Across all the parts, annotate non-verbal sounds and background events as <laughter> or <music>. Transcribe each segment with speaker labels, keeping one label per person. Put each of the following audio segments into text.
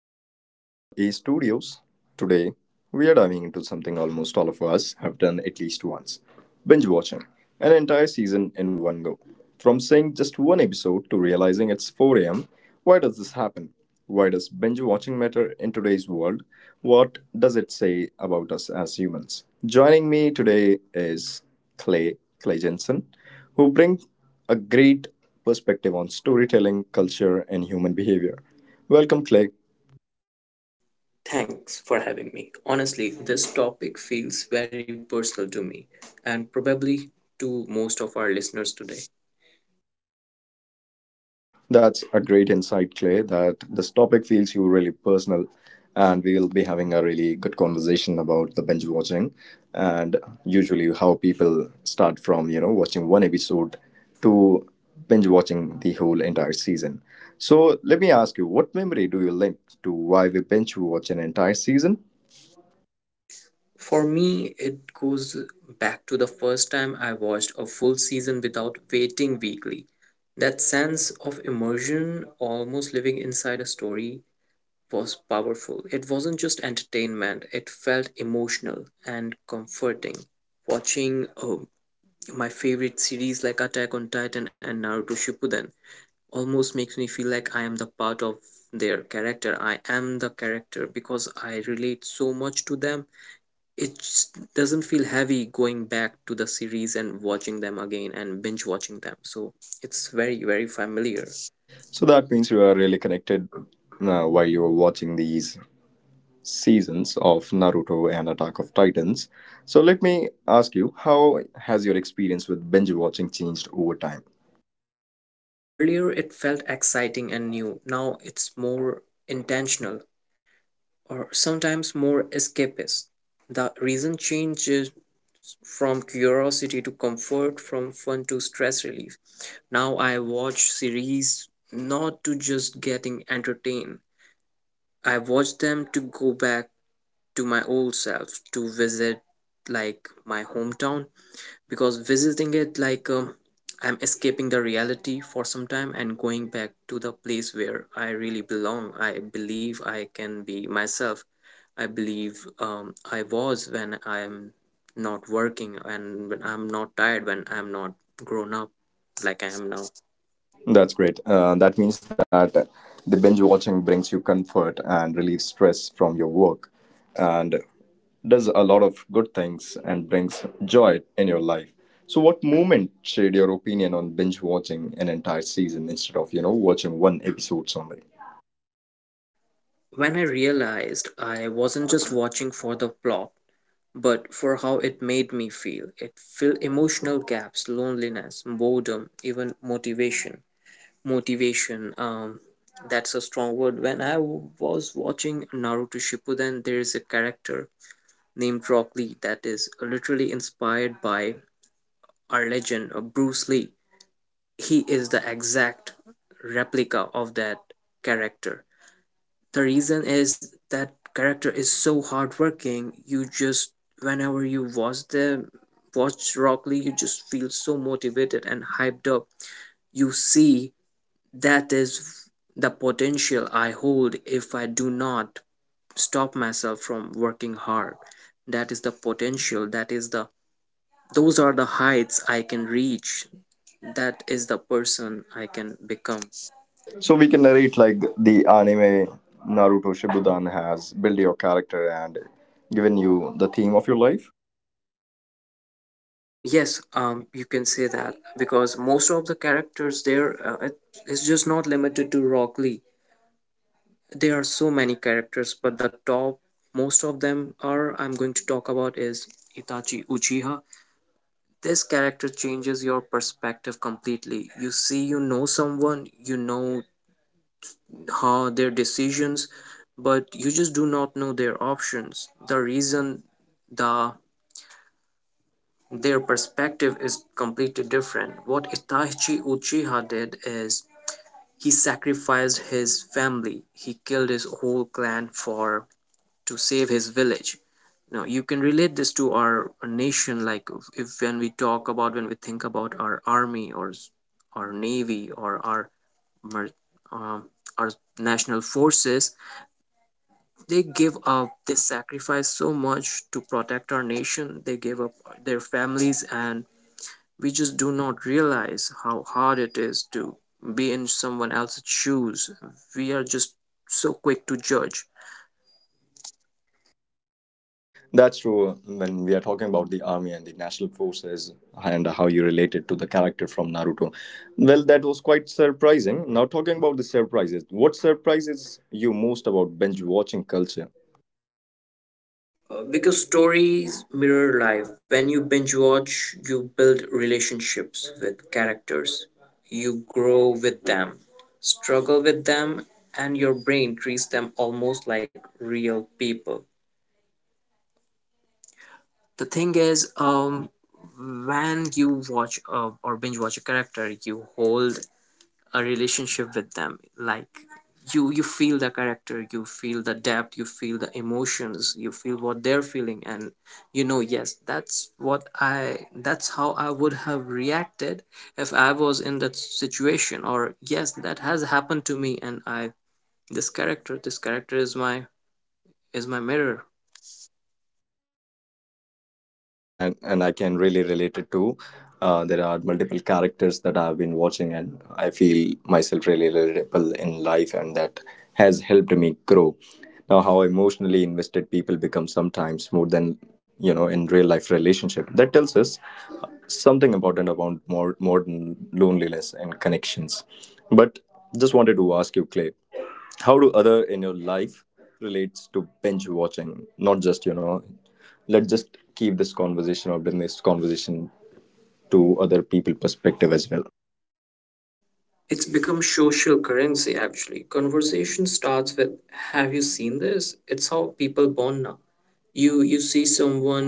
Speaker 1: Welcome back to the A Studios. Today, we are diving into something almost all of us have done at least once, binge watching an entire season in one go. From seeing just one episode to realizing it's 4 a.m., why does this happen? Why does binge watching matter in today's world? What does it say about us as humans? Joining me today is Clay Jensen, who brings a great perspective on storytelling, culture, and human behavior. Welcome, Clay.
Speaker 2: Thanks for having me. Honestly, this topic feels very personal to me and probably to most of our listeners today.
Speaker 1: That's a great insight, Clay, that this topic feels you really personal. And we will be having a really good conversation about the binge watching and usually how people start from, watching one episode to binge watching the whole entire season. So let me ask you, what memory do you link to why we binge watch an entire season?
Speaker 2: For me, it goes back to the first time I watched a full season without waiting weekly. That sense of immersion, almost living inside a story, was powerful. It wasn't just entertainment, it felt emotional and comforting. Watching my favorite series like Attack on Titan and Naruto Shippuden almost makes me feel like I am the part of their character. I am the character because I relate so much to them. It just doesn't feel heavy going back to the series and watching them again and binge watching them. So it's very, very familiar.
Speaker 1: So that means you are really connected while you are watching these seasons of Naruto and Attack of Titans. So let me ask you, how has your experience with binge watching changed over time?
Speaker 2: Earlier, it felt exciting and new. Now it's more intentional or sometimes more escapist. The reason change from curiosity to comfort, from fun to stress relief. Now I watch series not to just getting entertained. I watch them to go back to my old self, to visit like my hometown, because visiting it like I'm escaping the reality for some time and going back to the place where I really belong. I believe I can be myself. I believe I was when I'm not working and when I'm not tired, when I'm not grown up like I am now.
Speaker 1: That's great. That means that the binge watching brings you comfort and relieves stress from your work and does a lot of good things and brings joy in your life. So, what moment shared your opinion on binge watching an entire season instead of, watching one episode only?
Speaker 2: When I realized I wasn't just watching for the plot, but for how it made me feel, it filled emotional gaps, loneliness, boredom, even motivation. motivation um that's a strong word. When I was watching Naruto Shippuden, there is a character named Rock Lee that is literally inspired by our legend of Bruce Lee. He is the exact replica of that character. The reason is that character is so hardworking. You just whenever you watch Rock Lee, you just feel so motivated and hyped up. You see, that is the potential I hold if I do not stop myself from working hard. That is the potential. That is the Those are the heights I can reach. That is the person I can become.
Speaker 1: So we can narrate like the anime Naruto Shippuden has built your character and given you the theme of your life.
Speaker 2: Yes, you can say that because most of the characters there, it's just not limited to Rock Lee. There are so many characters, but the top, most of them are I'm going to talk about is Itachi Uchiha. This character changes your perspective completely. You see, you know someone, you know how their decisions, but you just do not know their options. The reason, the their perspective is completely different. What Itachi Uchiha did is he sacrificed his family. He killed his whole clan for to save his village. Now you can relate this to our nation, like if when we talk about when we think about our army, or our navy, or mer- um, our national forces. They give up, they sacrifice so much to protect our nation. They give up their families, and we just do not realize how hard it is to be in someone else's shoes. We are just so quick to judge.
Speaker 1: That's true. When we are talking about the army and the national forces and how you related to the character from Naruto, well, that was quite surprising. Now talking about the surprises, what surprises you most about binge watching culture?
Speaker 2: Because stories mirror life. When you binge watch, you build relationships with characters, you grow with them, struggle with them, and your brain treats them almost like real people. The thing is, when you watch or binge watch a character, you hold a relationship with them, like you feel the character, you feel the depth, you feel the emotions, you feel what they're feeling. And you know, yes, that's how I would have reacted if I was in that situation. Or yes, that has happened to me, and I this character is my mirror.
Speaker 1: That's great, and I can really relate it too. There are multiple characters that I've been watching, and I feel myself really relatable in life, and that has helped me grow. Now, how emotionally invested people become, sometimes more than, you know, in real life relationship. That tells us something important about more modern loneliness and connections. But just wanted to ask you, Clay, how do other in your life relates to binge watching, not just, you know, let's just keep this conversation or bring this conversation to other people perspective as well.
Speaker 2: It's become social currency, actually. Conversation starts with, have you seen this? It's how people bond now. You see someone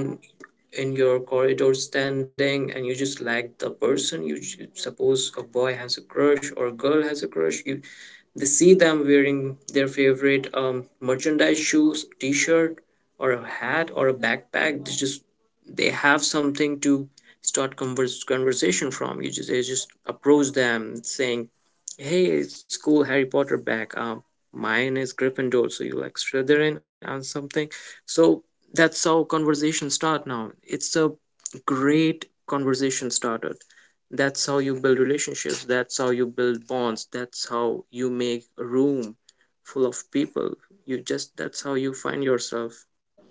Speaker 2: in your corridor standing, and you just like the person. Suppose a boy has a crush or a girl has a crush. You They see them wearing their favorite merchandise, shoes, t-shirt, or a hat or a backpack. They have something to start conversation from. You just They just approach them saying, hey, it's cool Harry Potter back, mine is Gryffindor, so you like Slytherin and something. So that's how conversation start. Now it's a great conversation started. That's how you build relationships, that's how you build bonds, that's how you make a room full of people. You just That's how you find yourself.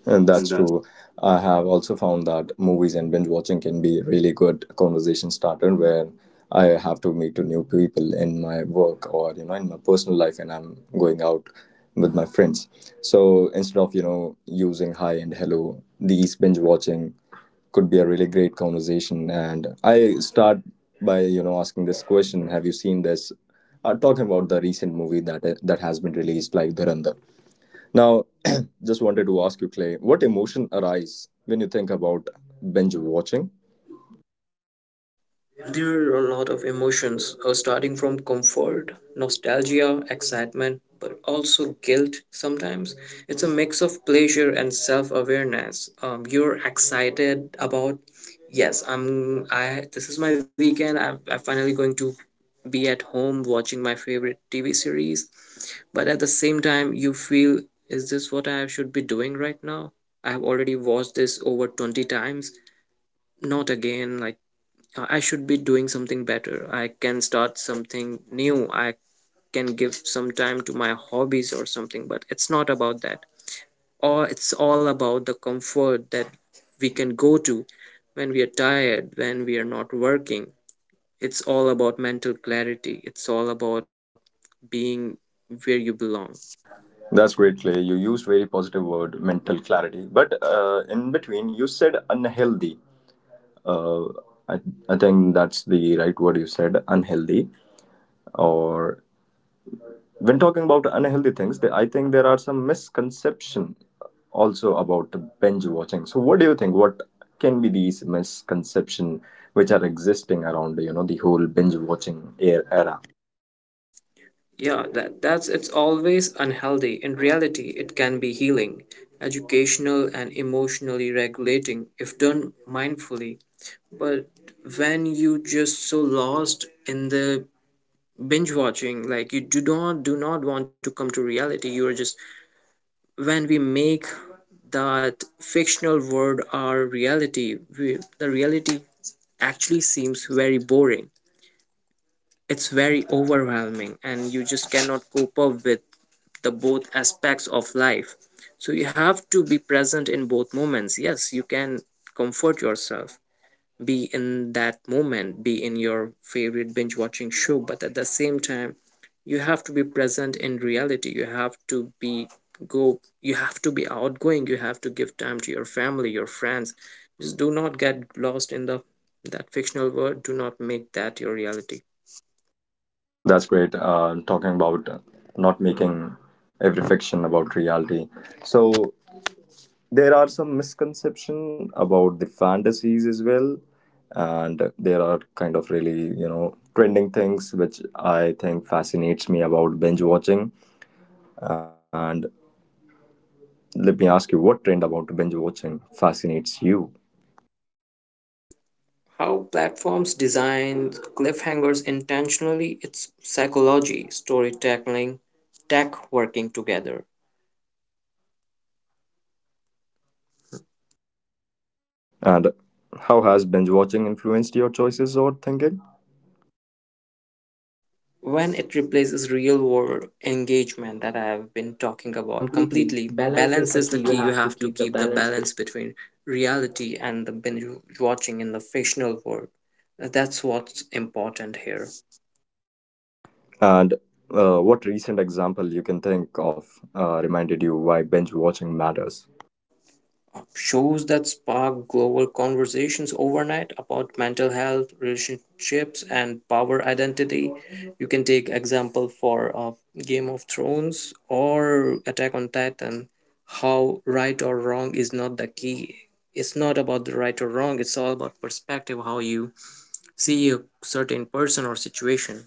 Speaker 1: And that's true. I have also found that movies and binge watching can be really good conversation starter where I have to meet to new people in my work or, you know, in my personal life and I'm going out with my friends. So instead of, using hi and hello, these binge watching could be a really great conversation. And I start by, asking this question: Have you seen this? Talking about the recent movie that has been released, like Dhurandhar. Now, <clears throat> just wanted to ask you, Clay, what emotion arise when you think about binge watching?
Speaker 2: There are a lot of emotions, starting from comfort, nostalgia, excitement, but also guilt sometimes. It's a mix of pleasure and self awareness. You're excited about, yes, this is my weekend. I'm finally going to be at home watching my favorite TV series. But at the same time, you feel, is this what I should be doing right now? I have already watched this over 20 times. Not again, like I should be doing something better. I can start something new. I can give some time to my hobbies or something, but it's not about that. Or it's all about the comfort that we can go to when we are tired, when we are not working. It's all about mental clarity. It's all about being where you belong.
Speaker 1: That's great, Clay. You used very positive word, mental clarity. But in between, you said unhealthy. Uh, I, I think that's the right word you said, unhealthy. Or when talking about unhealthy things, I think there are some misconception also about binge watching. So, what do you think? What can be these misconception which are existing around, you know, the whole binge watching era?
Speaker 2: Yeah, that, that's it's always unhealthy. In reality, it can be healing, educational, and emotionally regulating if done mindfully. But when you just so lost in the binge watching, like you do not want to come to reality. You are just When we make that fictional world our reality, the reality actually seems very boring. It's very overwhelming, and you just cannot cope up with the both aspects of life. So you have to be present in both moments. Yes, you can comfort yourself, be in that moment, be in your favorite binge watching show. But at the same time, you have to be present in reality. You have to be go you have to be outgoing. You have to give time to your family, your friends. Just do not get lost in the that fictional world. Do not make that your reality.
Speaker 1: That's great. Talking about not making every fiction about reality. So there are some misconception about the fantasies as well, and there are kind of really, you know, trending things which I think fascinates me about binge watching. And let me ask you, what trend about binge watching fascinates you,
Speaker 2: How platforms design cliffhangers intentionally. It's psychology, storytelling, tech working together.
Speaker 1: and how has binge watching influenced your choices or thinking?
Speaker 2: When it replaces real world engagement that I have been
Speaker 1: Talking
Speaker 2: talking
Speaker 1: about
Speaker 2: about
Speaker 1: completely
Speaker 2: completely.
Speaker 1: balance is
Speaker 2: Balance
Speaker 1: the
Speaker 2: is
Speaker 1: key,
Speaker 2: the
Speaker 1: you
Speaker 2: key. You
Speaker 1: have to
Speaker 2: have to
Speaker 1: keep the
Speaker 2: keep the
Speaker 1: balance.
Speaker 2: balance between reality and the binge watching in the fictional world. That's what's important here.
Speaker 1: And what recent example you can think of reminded you why binge watching matters?
Speaker 2: Shows that spark global conversations overnight about mental health, relationships, and power identity. You can take example for Game of Thrones or Attack on Titan. How right or wrong is not the key. It's not about the right or wrong. It's all about perspective, how you see a certain person or situation.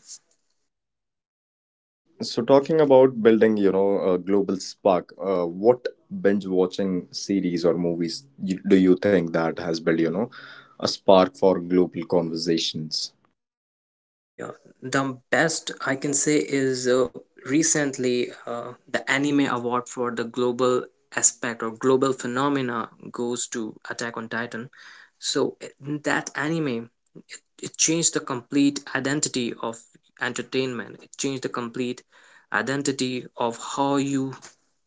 Speaker 1: So, talking about building, you know, a global spark, what binge watching series or movies do you think that has built, you know, a spark for global conversations?
Speaker 2: Yeah, the best I can say is recently the anime award for the global aspect or global phenomena goes to Attack on Titan. So that anime, it changed the complete identity of entertainment. It changed the complete identity of how you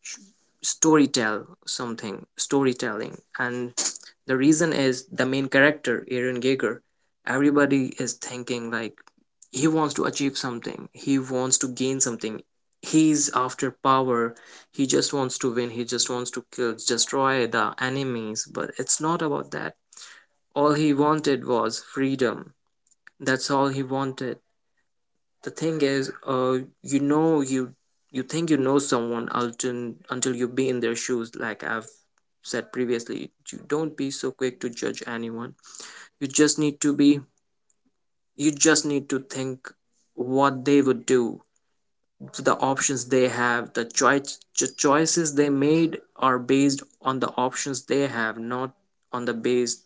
Speaker 2: sh- storytell something, storytelling, and the reason is the main character Aaron Giger. Everybody is thinking like he wants to achieve something, he wants to gain something, he's after power, he just wants to win, he just wants to kill, destroy the enemies. But it's not about that. All he wanted was freedom. That's all he wanted. The thing is, you know, you think you know someone until you be in their shoes, like I've said previously. You don't be so quick to judge anyone. you just need to be you just need to think what they would do. The options they have, the choices they made are based on the options they have, not on the base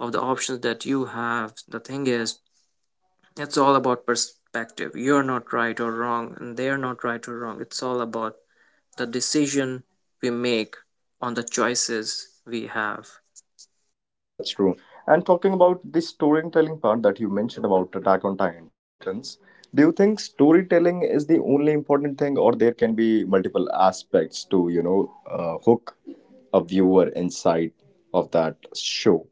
Speaker 2: of the options that you have. The thing is, it's all about perspective. You're not right or wrong, and they're not right or wrong. It's all about the decision we make on the choices we have.
Speaker 1: That's true. And talking about the storytelling part that you mentioned about Attack on Titans, do you think storytelling is the only important thing, or there can be multiple aspects to, you know, hook a viewer inside of that show?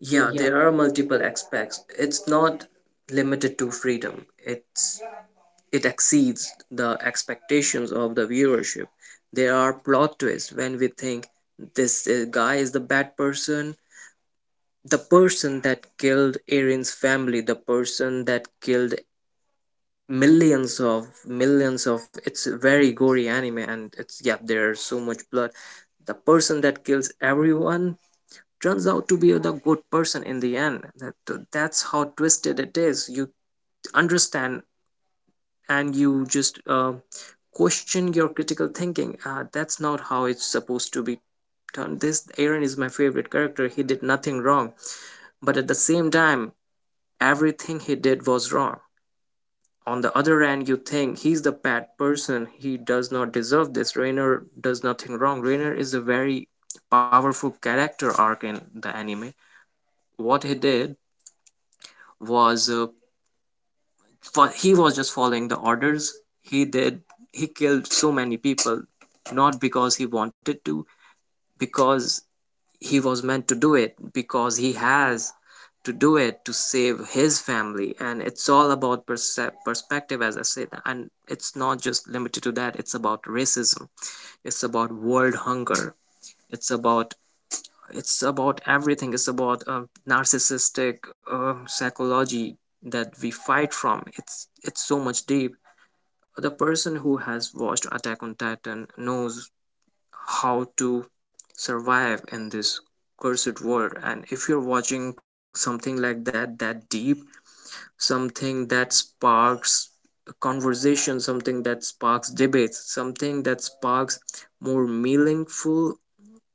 Speaker 2: Yeah, there are multiple aspects. It's not limited to freedom. It exceeds the expectations of the viewership. There are plot twists. When we think this guy is the bad person, the person that killed Erin's family, the person that killed millions of millions of, it's a very gory anime, and it's, yeah, there's so much blood, the person that kills everyone turns out to be the good person in the end. That's how twisted it is, you understand. And you just question your critical thinking. That's not how it's supposed to be done. This Aaron is my favorite character. He did nothing wrong, but at the same time, everything he did was wrong. On the other end, you think he's the bad person. He does not deserve this. Rainer does nothing wrong. Rainer is a very powerful character arc in the anime. What he did was for he was just following the orders. He did, he killed so many people, not because he wanted to, because he was meant to do it, because he has to do it to save his family. And it's all about perspective, as I said, and it's not just limited to that. It's about racism, it's about world hunger, it's about, it's about everything. It's about narcissistic psychology that we fight from. It's so much deep. The person who has watched Attack on Titan knows how to survive in this cursed world. And if you're watching something like that, that deep, something that sparks a conversation, something that sparks debates, something that sparks more meaningful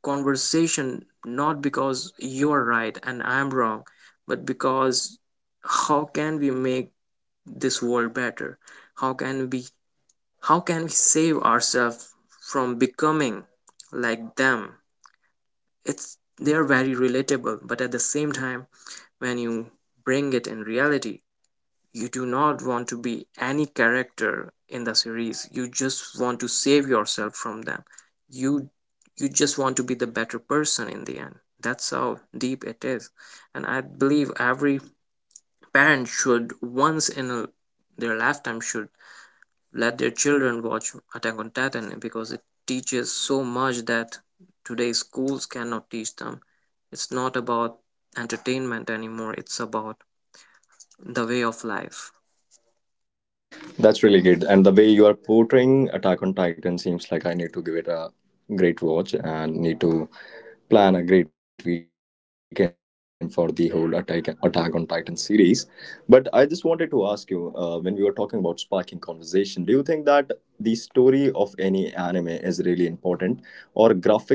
Speaker 2: conversation, not because you're right and I'm wrong, but because how can we make this world better? How can we how can we save ourselves from becoming like them? It's, they are very relatable, but at the same time, when you bring it in reality, you do not want to be any character in the series. You just want to save yourself from them. You you just want to be the better person in the end. That's how deep it is. And I believe every parent should, once in a, their lifetime, should let their children watch Attack on Titan, because it teaches so much that today's schools cannot teach them. It's not about entertainment anymore, it's about the way of life.
Speaker 1: That's really good. And the way you are portraying Attack on Titan seems like I need to give it a great watch and need to plan a great weekend for the whole Attack on Titan series. But I just wanted to ask you, when we were talking about sparking conversation, do you think that the story of any anime is really important or graphics play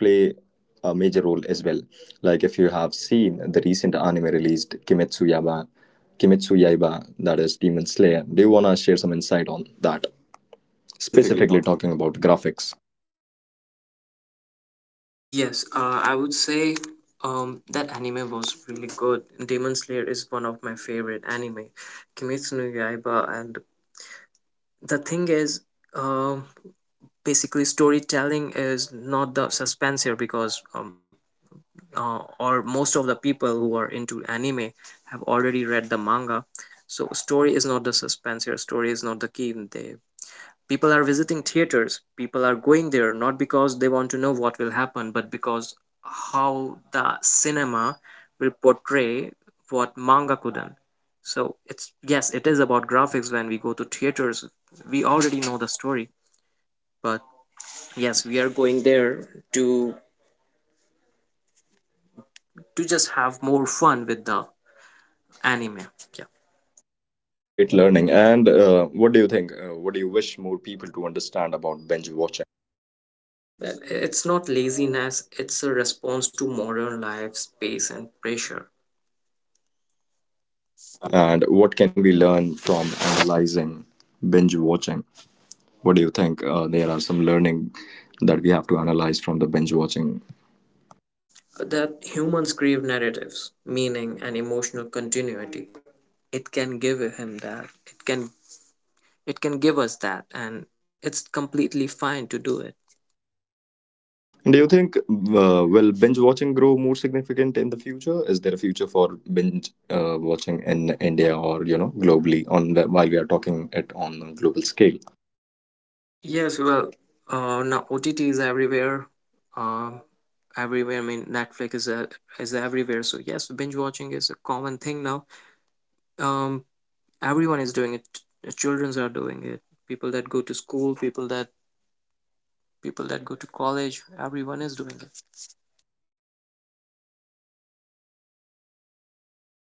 Speaker 1: a major role as well? Like if you have seen the recent anime released Kimetsu Yaba. Kimetsu Yaiba, that is Demon Slayer. Do you want to share some insight on that? Specifically
Speaker 2: Specifically
Speaker 1: talking
Speaker 2: talking.
Speaker 1: about graphics.
Speaker 2: Yes, I would say that anime was really good. Demon Slayer is one of my favorite anime. Kimetsu no Yaiba. And the thing is, um, basically storytelling is not the suspense here, because or most of the people who are into anime have already read the manga. So story is not the suspense here, story is not the key. They People are visiting theaters, people are going there not because they want to know what will happen, but because how the cinema will portray what manga couldn't. So it's, yes, it is about graphics. When we go to theaters, we already know the story, but yes, we are going there to just have more fun with the anime. Yeah.
Speaker 1: That's a great learning. And what do you think? What do you wish more people to understand about binge watching?
Speaker 2: Well, it's not laziness, it's a response to modern life, space, and pressure.
Speaker 1: And what can we learn from analyzing binge watching? What do you think? There are some learning that we have to analyze from the binge watching.
Speaker 2: That humans crave narratives, meaning, and emotional continuity. It can give him that. It can give us that, and it's completely fine to do it.
Speaker 1: Do you think, will binge watching grow more significant in the future? Is there a future for binge watching in India or, you know, globally? On the, while we are talking it on a global scale,
Speaker 2: Yes, well, now OTT is everywhere. Um, everywhere. I mean, Netflix is everywhere. So yes, binge watching is a common thing now. Um, everyone is doing it, childrens are doing it, people that go to school, people that go to college, everyone is doing it.
Speaker 1: okay. And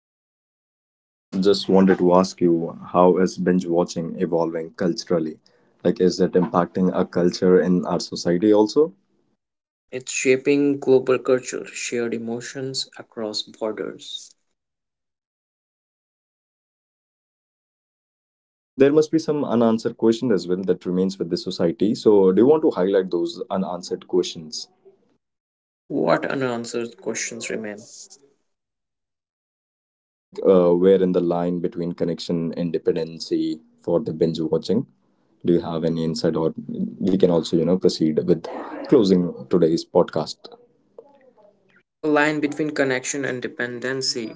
Speaker 1: um, just wanted to ask you, how is binge watching evolving culturally? Like, is it impacting our culture in our society also?
Speaker 2: Yeah, it's shaping global culture, shared emotions across borders.
Speaker 1: And there must be some unanswered question as well that remains with the society. So, do you want to highlight those unanswered questions?
Speaker 2: What unanswered questions remain?
Speaker 1: Like, where in the line between connection and dependency for the binge watching? Do you have any insight, or we can also, you know, proceed with closing today's podcast?
Speaker 2: The line between connection and dependency,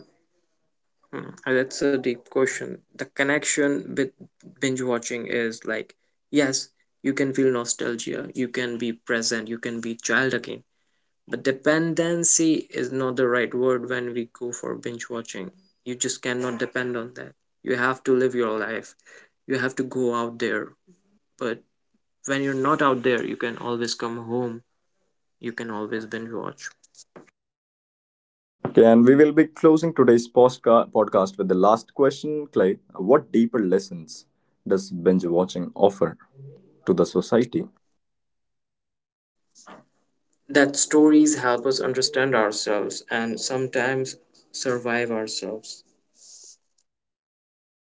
Speaker 2: hmm, that's a deep question. The connection with binge watching is like, yes, you can feel nostalgia, you can be present, you can be child again. But dependency is not the right word when we go for binge watching. You just cannot depend on that. You have to live your life. You have to go out there. But when you're not out there, you can always come home. You can always binge watch.
Speaker 1: Okay, and we will be closing today's podcast with the last question, Clay. What deeper lessons does binge watching offer
Speaker 2: The
Speaker 1: to the
Speaker 2: society.
Speaker 1: society?
Speaker 2: That stories help us understand ourselves, and sometimes survive ourselves.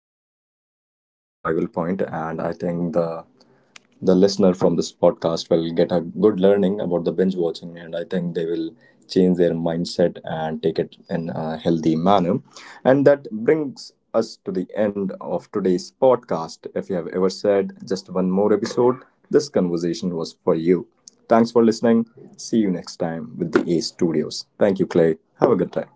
Speaker 1: Okay, that's great with the survival point, and I think the listener from this podcast will get a good learning about the binge watching, and I think they will change their mindset and take it in a healthy manner. And that brings us to the end of today's podcast. If you have ever said just one more episode, this conversation was for you. Thanks for listening. See you next time with the A Studios. Thank you, Clay. Have a good time.